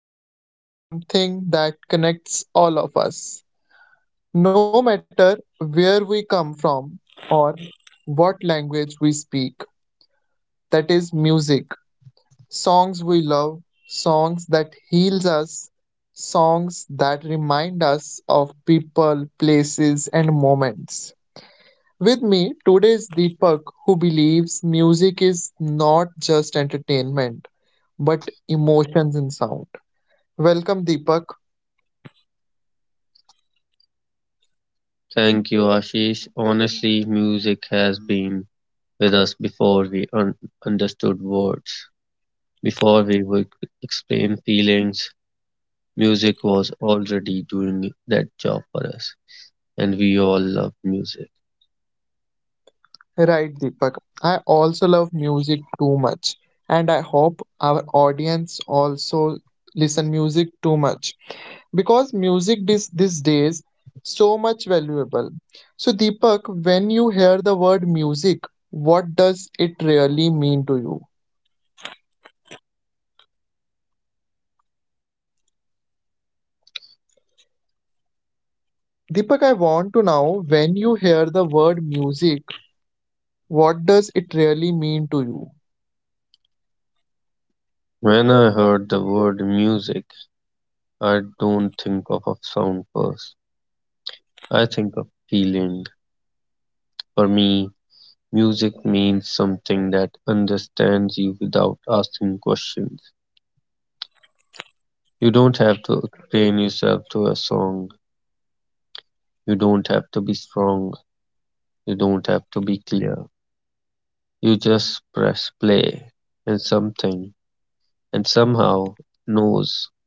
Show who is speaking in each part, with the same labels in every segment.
Speaker 1: Today's topic is something that connects all of us, no matter where we come from or what language we speak. That is music, songs we love, songs that heals us, songs that remind us of people, places, and moments. With me today is Deepak, who believes music is not just entertainment but emotions in sound. Welcome, Deepak.
Speaker 2: Thank you, Ashish. Honestly, music has been with us before we understood words, before we would explain feelings. Music was already doing that job for us, and we all love music.
Speaker 1: Right, Deepak. I also love music too much, and I hope our audience also listen music too much because music this these days so much valuable. So Deepak, when you hear the word music, what does it really mean to you? Deepak, I want to know when you hear the word music, what does it really mean to you?
Speaker 2: When I heard the word music, I don't think of a sound first. I think of feeling. For me, music means something that understands you without asking questions. You don't have to explain yourself to a song. You don't have to be strong. You don't have to be clear. You just press play and something, and somehow it knows.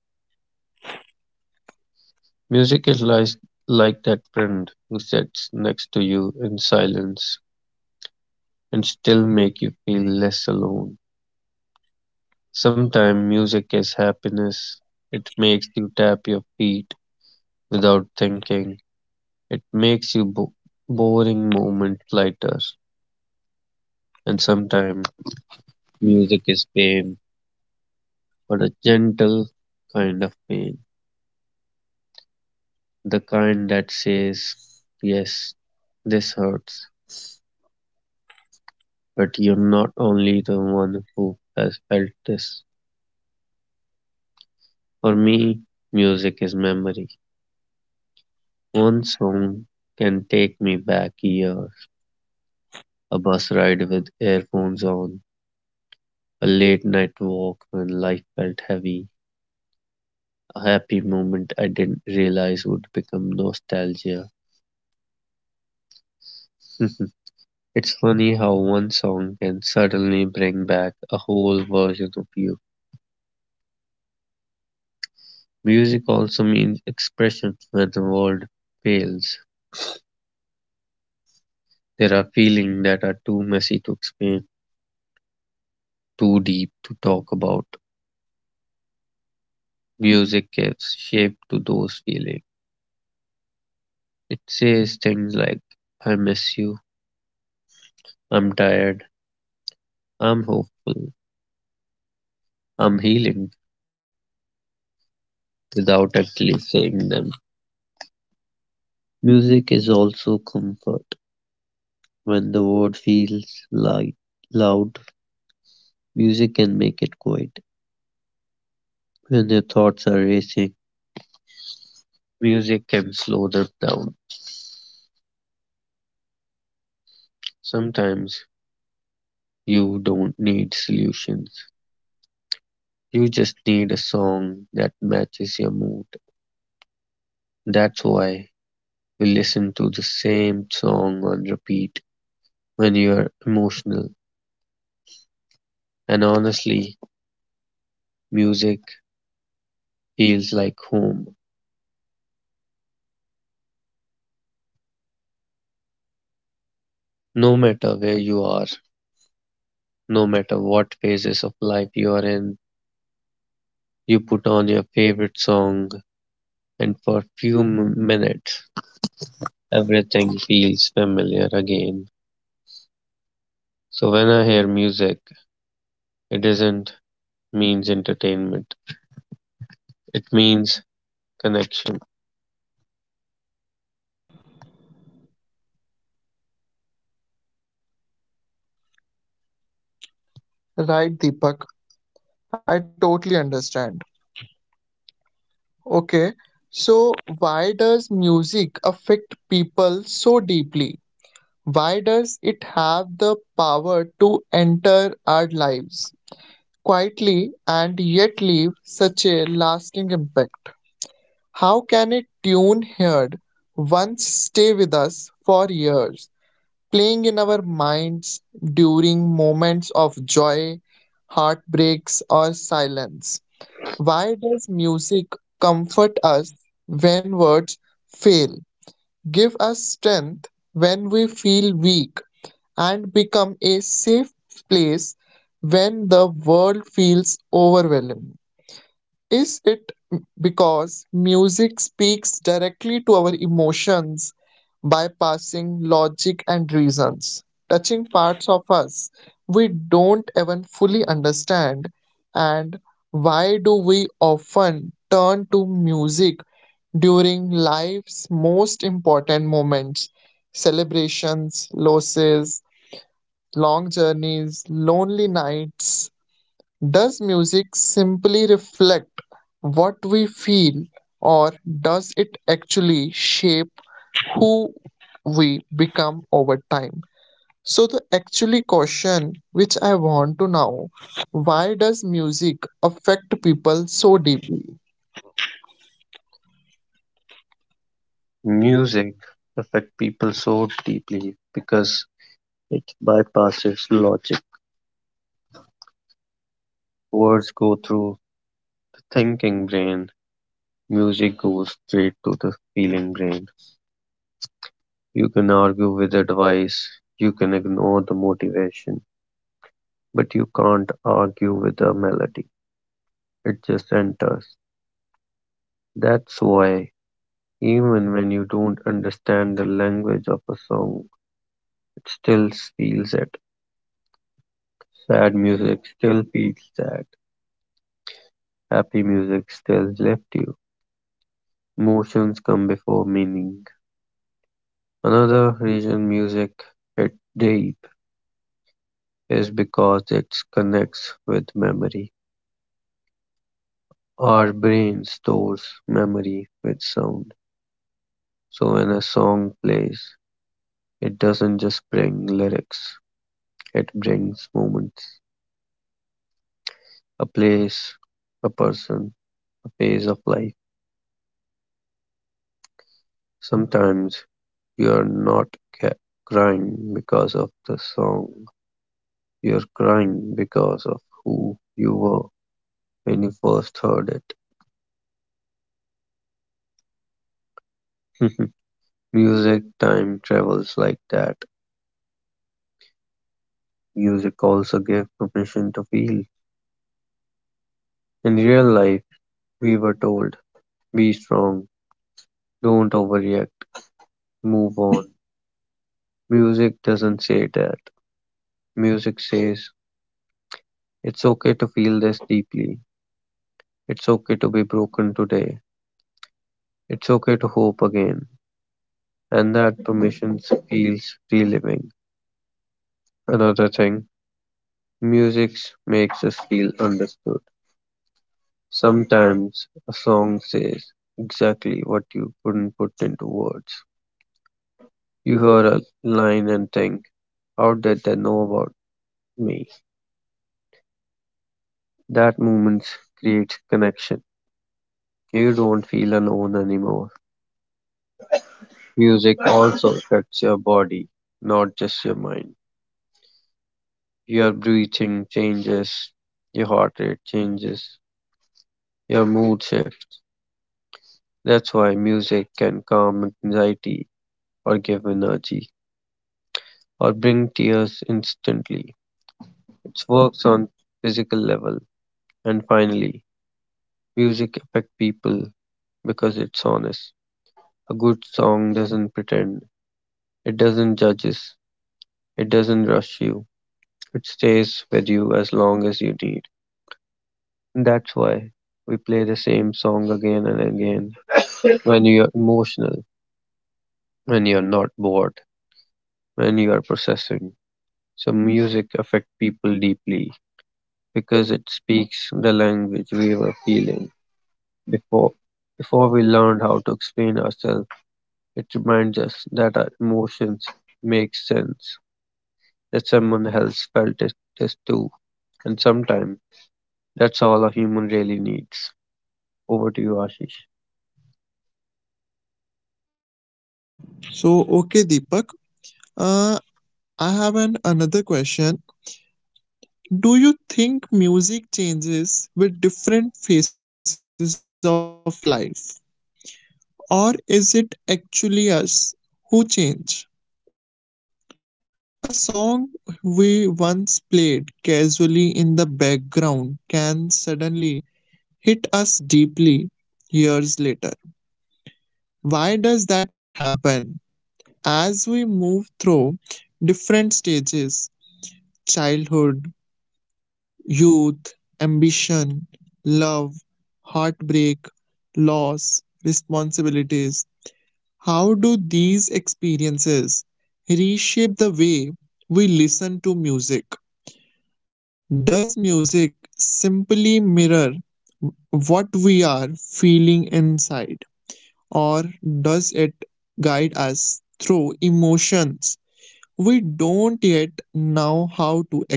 Speaker 2: Music is like that friend who sits next to you in silence and still make you feel less alone. Sometimes music is happiness. It makes you tap your feet without thinking. It makes you boring moment lighter. And sometimes music is pain but a gentle kind of pain. The kind that says, yes, this hurts, but you're not only the one who has felt this. For me, music is memory. One song can take me back years, a bus ride with earphones on, a late night walk when life felt heavy, a happy moment I didn't realize would become nostalgia. It's funny how one song can suddenly bring back a whole version of you. Music also means expression when the world fails. There are feelings that are too messy to explain, too deep to talk about. Music gives shape to those feelings. It says things like, I miss you, I'm tired, I'm hopeful, I'm healing, without actually saying them. Music is also comfort when the world feels light, loud. Music can make it quiet. When your thoughts are racing, music can slow them down. Sometimes you don't need solutions. You just need a song that matches your mood. That's why we listen to the same song on repeat when you're emotional. And honestly, music feels like home. No matter where you are, no matter what phases of life you are in, you put on your favorite song, and for a few minutes, everything feels familiar again. So when I hear music, it doesn't means entertainment. It means connection.
Speaker 1: Right, Deepak. I totally understand. Okay, so why does music affect people so deeply? Why does it have the power to enter our lives quietly and yet leave such a lasting impact? How can a tune heard once stay with us for years, playing in our minds during moments of joy, heartbreaks, or silence? Why does music comfort us when words fail, give us strength when we feel weak, and become a safe place when the world feels overwhelming? Is it because music speaks directly to our emotions, bypassing logic and reasons, touching parts of us we don't even fully understand? And why do we often turn to music during life's most important moments, celebrations, losses, long journeys, lonely nights? Does music simply reflect what we feel, or does it actually shape who we become over time? So, the actually question which I want to know, why does music affect people so deeply?
Speaker 2: Music affects people so deeply because it bypasses logic. Words go through the thinking brain. Music goes straight to the feeling brain. You can argue with advice. You can ignore the motivation. But you can't argue with a melody. It just enters. That's why even when you don't understand the language of a song, it still feels it. Sad music still feels sad. Happy music still left you. Emotions come before meaning. Another reason music hit deep is because it connects with memory. Our brain stores memory with sound. So when a song plays, it doesn't just bring lyrics, it brings moments, a place, a person, a phase of life. Sometimes you're not ca- crying because of the song, you're crying because of who you were when you first heard it. Music time travels like that. Music also gave permission to feel. In real life, we were told, be strong, don't overreact, move on. Music doesn't say that. Music says, it's okay to feel this deeply. It's okay to be broken today. It's okay to hope again, and that permission feels relieving. Another thing, music makes us feel understood. Sometimes a song says exactly what you couldn't put into words. You hear a line and think, how did they know about me? That moment creates connection. You don't feel alone anymore. Music also affects your body, not just your mind. Your breathing changes, your heart rate changes, your mood shifts. That's why music can calm anxiety or give energy or bring tears instantly. It works on physical level. And finally, music affects people because it's honest. A good song doesn't pretend, it doesn't judges, it doesn't rush you. It stays with you as long as you need. And that's why we play the same song again and again when you're emotional, when you're not bored, when you are processing. So music affect people deeply because it speaks the language we were feeling before. Before we learned how to explain ourselves, it reminds us that our emotions make sense, that someone else felt it, this too. And sometimes that's all a human really needs. Over to you, Ashish.
Speaker 1: So, okay, Deepak, uh, I have an another question. Do you think music changes with different phases of life, or is it actually us who change? A song we once played casually in the background can suddenly hit us deeply years later. Why does that happen? As we move through different stages, childhood, youth, ambition, love, heartbreak, loss, responsibilities, how do these experiences reshape the way we listen to music? Does music simply mirror what we are feeling inside, or does it guide us through emotions we don't yet know how to express?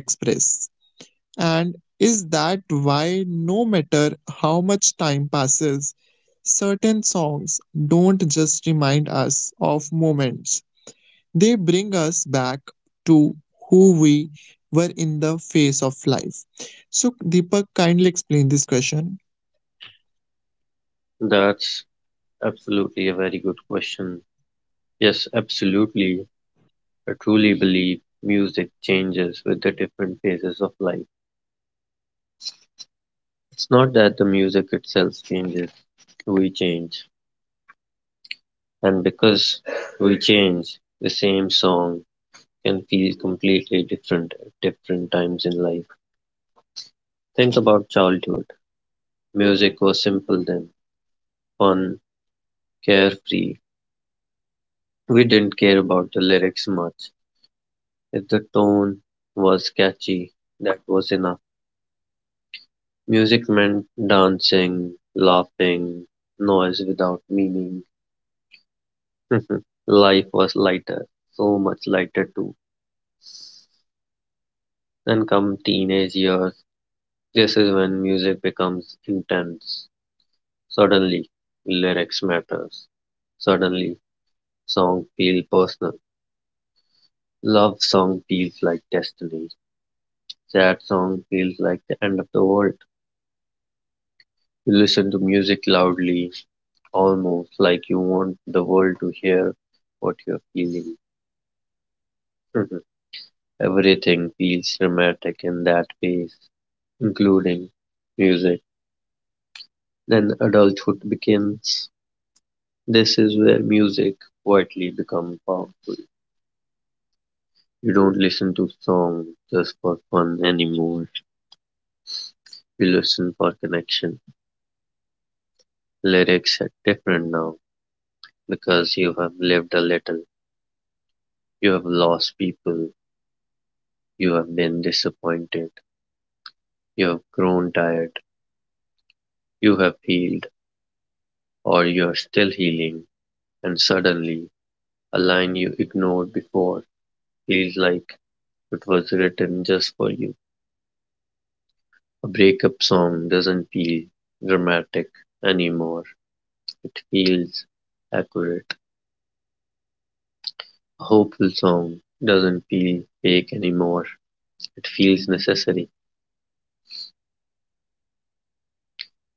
Speaker 1: And is that why, no matter how much time passes, certain songs don't just remind us of moments? They bring us back to who we were in the face of life. So, Deepak, kindly explain this question.
Speaker 2: That's absolutely a very good question. Yes, absolutely. I truly believe music changes with the different phases of life. It's not that the music itself changes, we change. And because we change, the same song can feel completely different at different times in life. Think about childhood. Music was simple then, fun, carefree. We didn't care about the lyrics much. If the tone was catchy, that was enough. Music meant dancing, laughing, noise without meaning. Life was lighter, so much lighter too. Then come teenage years. This is when music becomes intense. Suddenly, lyrics matters. Suddenly, song feel personal. Love song feels like destiny. Sad song feels like the end of the world. You listen to music loudly, almost like you want the world to hear what you're feeling. Everything feels dramatic in that phase, including music. Then adulthood begins. This is where music quietly becomes powerful. You don't listen to songs just for fun anymore. You listen for connection. Lyrics are different now because you have lived a little. You have lost people. You have been disappointed. You have grown tired. You have healed or you are still healing. And suddenly a line you ignored before feels like it was written just for you. A breakup song doesn't feel dramatic anymore. It feels accurate. A hopeful song doesn't feel fake anymore. It feels necessary.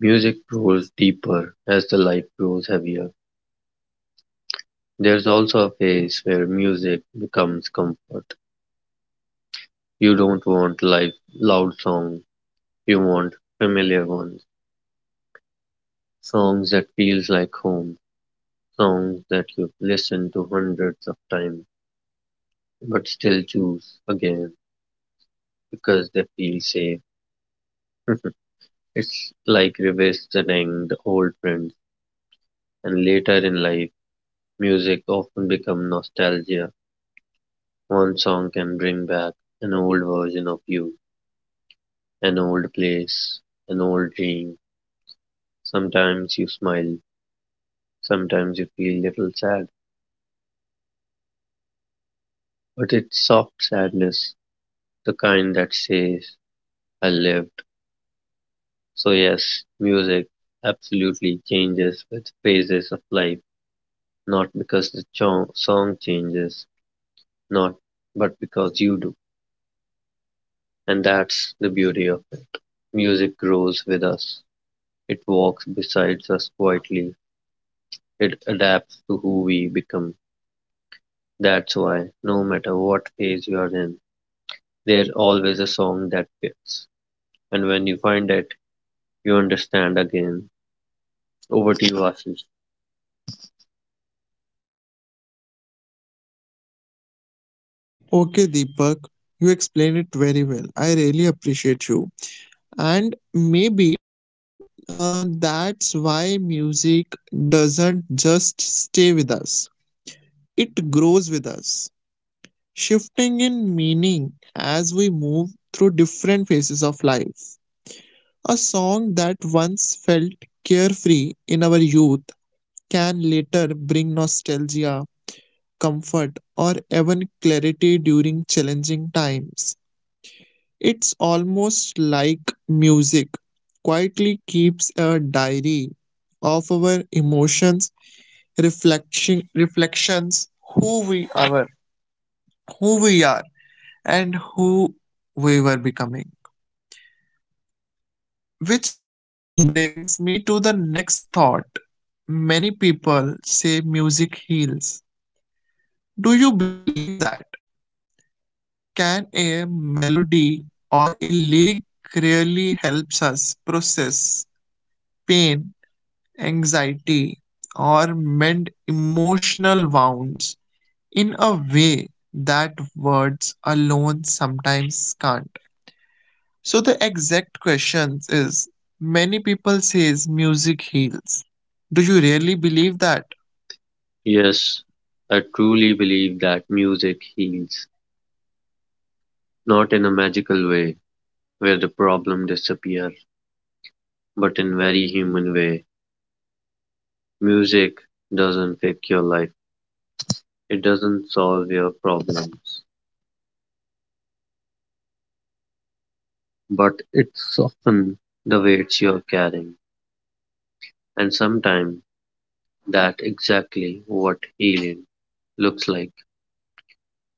Speaker 2: Music grows deeper as the life grows heavier. There's also a phase where music becomes comfort. You don't want like loud songs. You want familiar ones. Songs that feels like home, songs that you've listened to hundreds of times but still choose again because they feel safe. It's like revisiting the old friends, and later in life, music often becomes nostalgia. One song can bring back an old version of you, an old place, an old dream. Sometimes you smile, sometimes you feel little sad, but it's soft sadness, the kind that says, I live. So yes, music absolutely changes with phases of life, not because the song changes, not but because you do. And that's the beauty of it. Music grows with us. It walks beside us quietly. It adapts to who we become. That's why no matter what phase you are in, there's always a song that fits. And when you find it, you understand again. Over to you, Ashish.
Speaker 1: Okay, Deepak, you explained it very well. I really appreciate you. And maybe that's why music doesn't just stay with us, it grows with us, shifting in meaning as we move through different phases of life. A song that once felt carefree in our youth can later bring nostalgia, comfort, or even clarity during challenging times. It's almost like music quietly keeps a diary of our emotions, reflection, reflections, who we are, who we are, and who we were becoming. Which brings me to the next thought. Many people say music heals. Do you believe that? Can a melody or a lyric really helps us process pain, anxiety, or mend emotional wounds in a way that words alone sometimes can't? So the exact question is, many people says music heals. Do you really believe that?
Speaker 2: Yes, I truly believe that music heals, not in a magical way where the problem disappears, but in very human way. Music doesn't fix your life. It doesn't solve your problems, but it softens the weights you're carrying. And sometimes that exactly what healing looks like.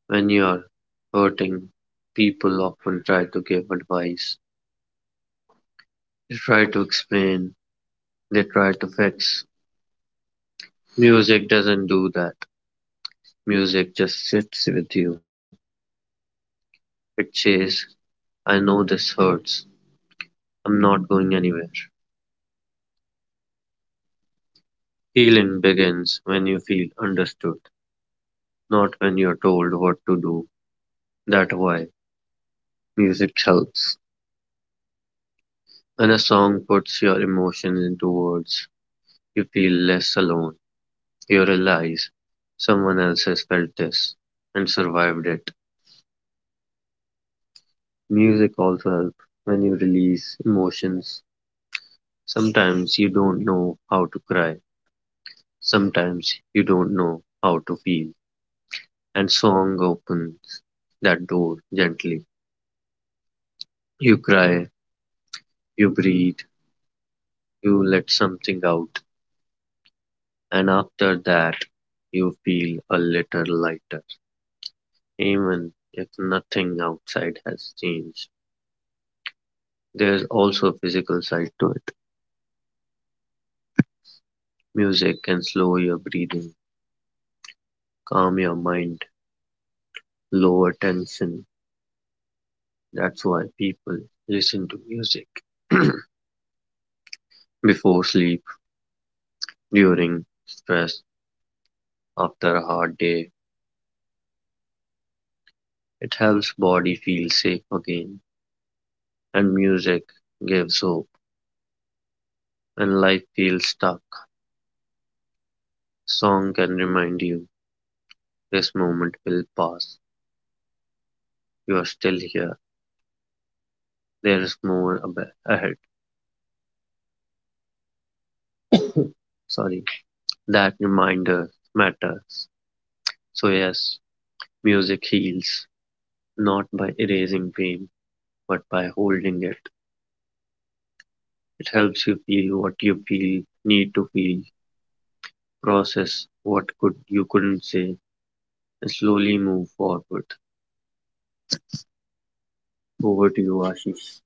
Speaker 2: When you're hurting, people often try to give advice. They try to explain. They try to fix. Music doesn't do that. Music just sits with you. It says, I know this hurts. I'm not going anywhere. Healing begins when you feel understood, not when you're told what to do. That's why music helps. When a song puts your emotions into words, you feel less alone. You realize someone else has felt this and survived it. Music also helps when you release emotions. Sometimes you don't know how to cry. Sometimes you don't know how to feel, and song opens that door gently. You cry, you breathe, you let something out, and after that, you feel a little lighter. Even if nothing outside has changed, there's also a physical side to it. Music can slow your breathing, calm your mind, lower tension. That's why people listen to music before sleep, during stress, after a hard day. It helps body feel safe again, and music gives hope and life feels stuck. Song can remind you this moment will pass. You are still here. There is more ahead. Sorry. That reminder matters. So yes, music heals not by erasing pain but by holding it. It helps you feel what you feel need to feel, process what couldn't say and slowly move forward. Over to you, Ashish.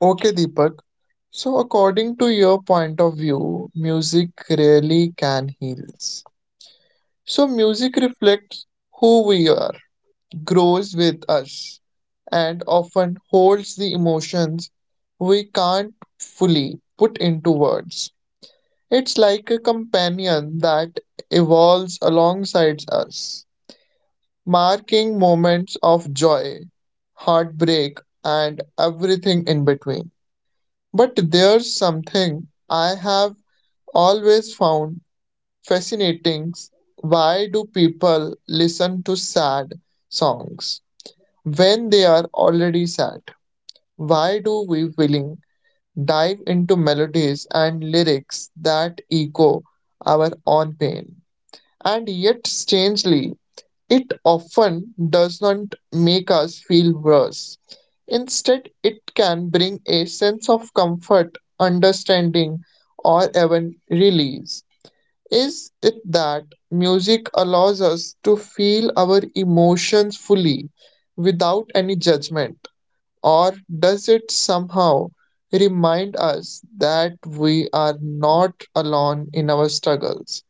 Speaker 1: Okay, Deepak. So according to your point of view, music really can heals. So, music reflects who we are, grows with us, and often holds the emotions we can't fully put into words. It's like a companion that evolves alongside us, marking moments of joy, heartbreak, and everything in between. But there's something I have always found fascinating. Why do people listen to sad songs when they are already sad? Why do we willing dive into melodies and lyrics that echo our own pain? And yet, strangely, often does not make us feel worse. Instead, it can bring a sense of comfort, understanding, or even release. Is it that music allows us to feel our emotions fully without any judgment, or does it somehow remind us that we are not alone in our struggles?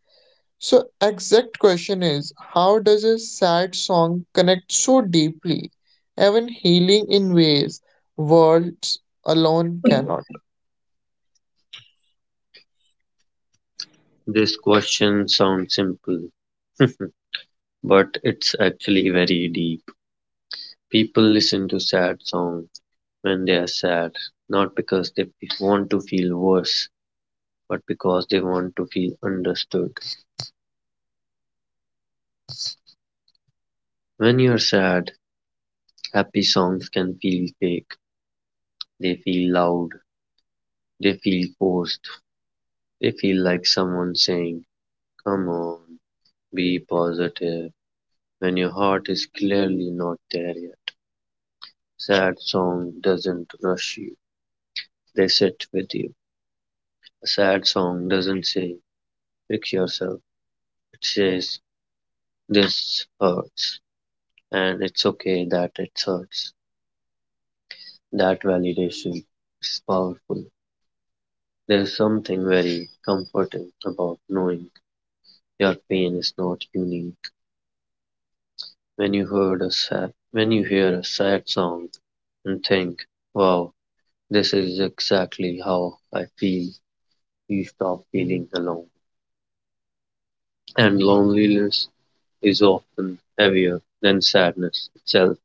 Speaker 1: So, exact question is, how does a sad song connect so deeply, even healing in ways words alone cannot?
Speaker 2: This question sounds simple, but it's actually very deep. People listen to sad songs when they are sad, not because they want to feel worse, but because they want to feel understood. When you're sad, happy songs can feel fake. They feel loud. They feel forced. They feel like someone saying, come on, be positive, when your heart is clearly not there yet. Sad song doesn't rush you. They sit with you. A sad song doesn't say "fix yourself", it says "this hurts" and it's okay that it hurts. That validation is powerful. There's something very comforting about knowing your pain is not unique. When you hear a sad song and think, "Wow, this is exactly how I feel," you stop feeling alone. And loneliness is often heavier than sadness itself.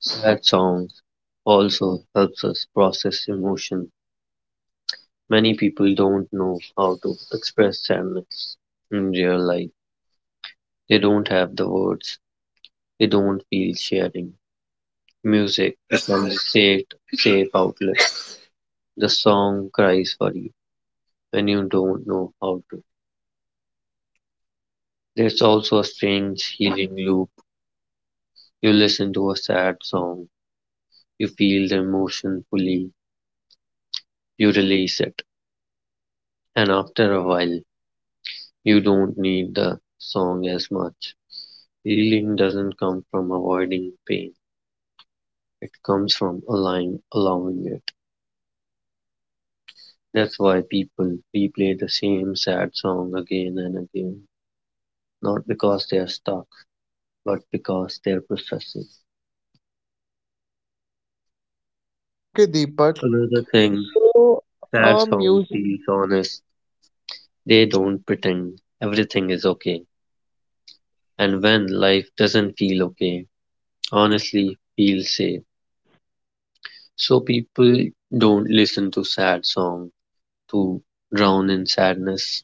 Speaker 2: Sad songs also helps us process emotion. Many people don't know how to express sadness in real life. They don't have the words. They don't feel sharing. Music becomes a safe outlet. The song cries for you when you don't know how to. There's also a strange healing loop. You listen to a sad song. You feel the emotion fully. You release it. And after a while, you don't need the song as much. Healing doesn't come from avoiding pain, it comes from allowing it. That's why people replay the same sad song again and again, not because they are stuck, but because they're processing.
Speaker 1: Okay, Deepak.
Speaker 2: Another thing,
Speaker 1: So,
Speaker 2: sad songs
Speaker 1: music.
Speaker 2: feel honest. They don't pretend everything is okay. And when life doesn't feel okay, honestly, feel safe. So people don't listen to sad songs to drown in sadness.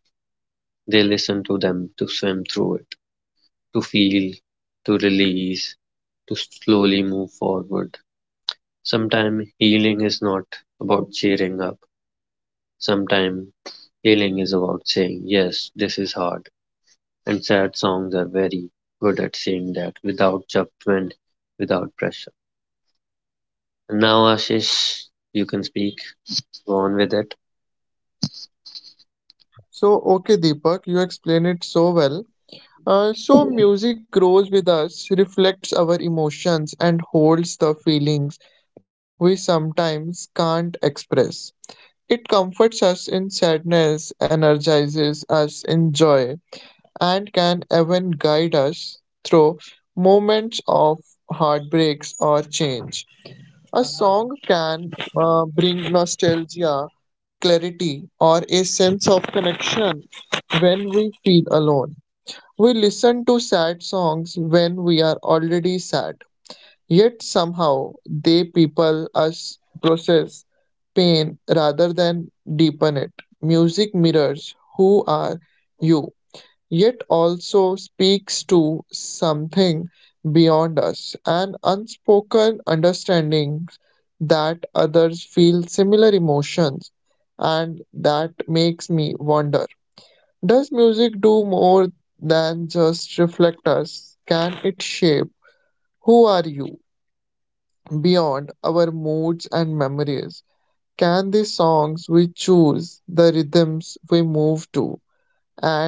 Speaker 2: They listen to them to swim through it, to feel, to release, to slowly move forward. Sometimes healing is not about cheering up. Sometimes healing is about saying, yes, this is hard. And sad songs are very good at saying that without judgment, without pressure. And now, Ashish, you can speak. Go on with it.
Speaker 1: So, okay, Deepak, you explain it so well. So, music grows with us, reflects our emotions, and holds the feelings we sometimes can't express. It comforts us in sadness, energizes us in joy, and can even guide us through moments of heartbreaks or change. A song can bring nostalgia, clarity, or a sense of connection when we feel alone. We listen to sad songs when we are already sad, yet somehow they people us process pain rather than deepen it. Music mirrors who are you, yet also speaks to something beyond us, an unspoken understanding that others feel similar emotions, and that makes me wonder, does music do more than just reflect us? Can it shape who are you beyond our moods and memories? Can the songs we choose, the rhythms we move to,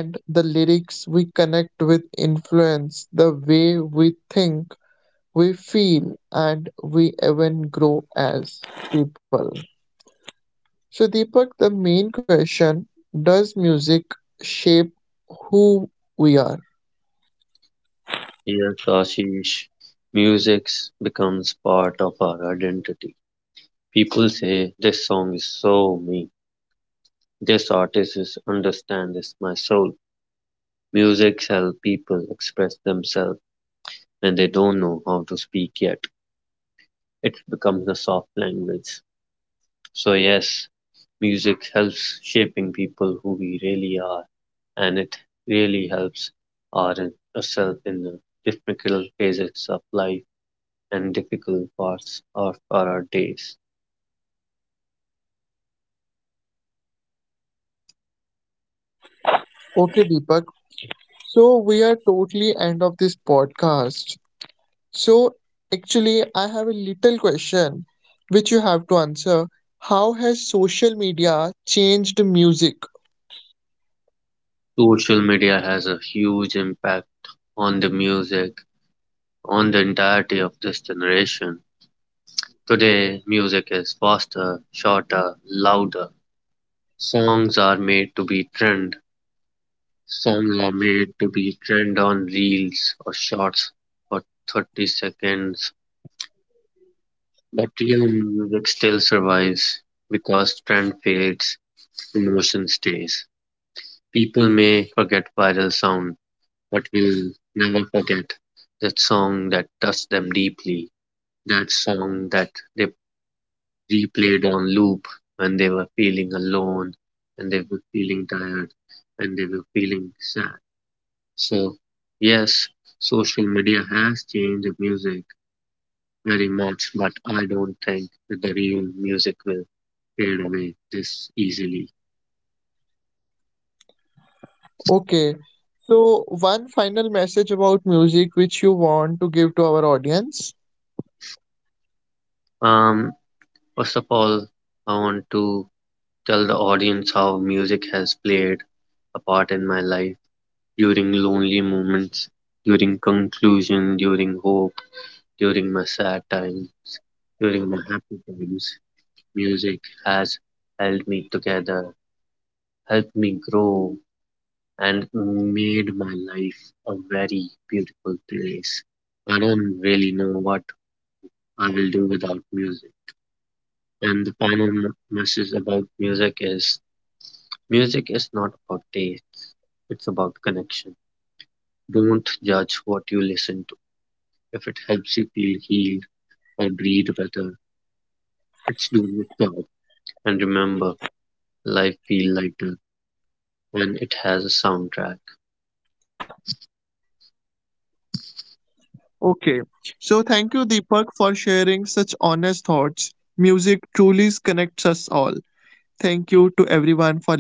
Speaker 1: and the lyrics we connect with influence the way we think, we feel, and we even grow as people? So, Deepak, the main question, does music shape who we are?
Speaker 2: Here, Kashish, music becomes part of our identity. People say, this song is so me. This artist is understand this my soul. Music helps people express themselves when they don't know how to speak yet. It becomes a soft language. So yes, music helps shaping people who we really are, and it really helps our ourselves in the difficult phases of life and difficult parts of our days.
Speaker 1: Okay, Deepak. So, we are totally end of this podcast. So, actually, I have a little question which you have to answer. How has social media changed music?
Speaker 2: Social media has a huge impact on the music, on the entirety of this generation. Today, music is faster, shorter, louder. Songs are made to be trend. Songs are made to be trend on reels or shorts for 30 seconds. But real music still survives because trend fades, emotion stays. People may forget viral sound, but we'll never forget that song that touched them deeply, that song that they replayed on loop when they were feeling alone, when they were feeling tired, when they were feeling sad. So, yes, social media has changed the music very much, but I don't think that the real music will fade away this easily.
Speaker 1: Okay. So, one final message about music which you want to give to our audience.
Speaker 2: Um, first of all, I want to tell the audience how music has played a part in my life during lonely moments, during conclusion, during hope, during my sad time, during my happy times. Music has held me together, helped me grow, and made my life a very beautiful place. I don't really know what I will do without music. And the final message about music is not about taste, it's about connection. Don't judge what you listen to. If it helps you feel healed, agreed, Weather. Let's do it, job. And remember, life feels lighter when it has a soundtrack.
Speaker 1: Okay. So thank you, Deepak, for sharing such honest thoughts. Music truly connects us all. Thank you to everyone for listening this.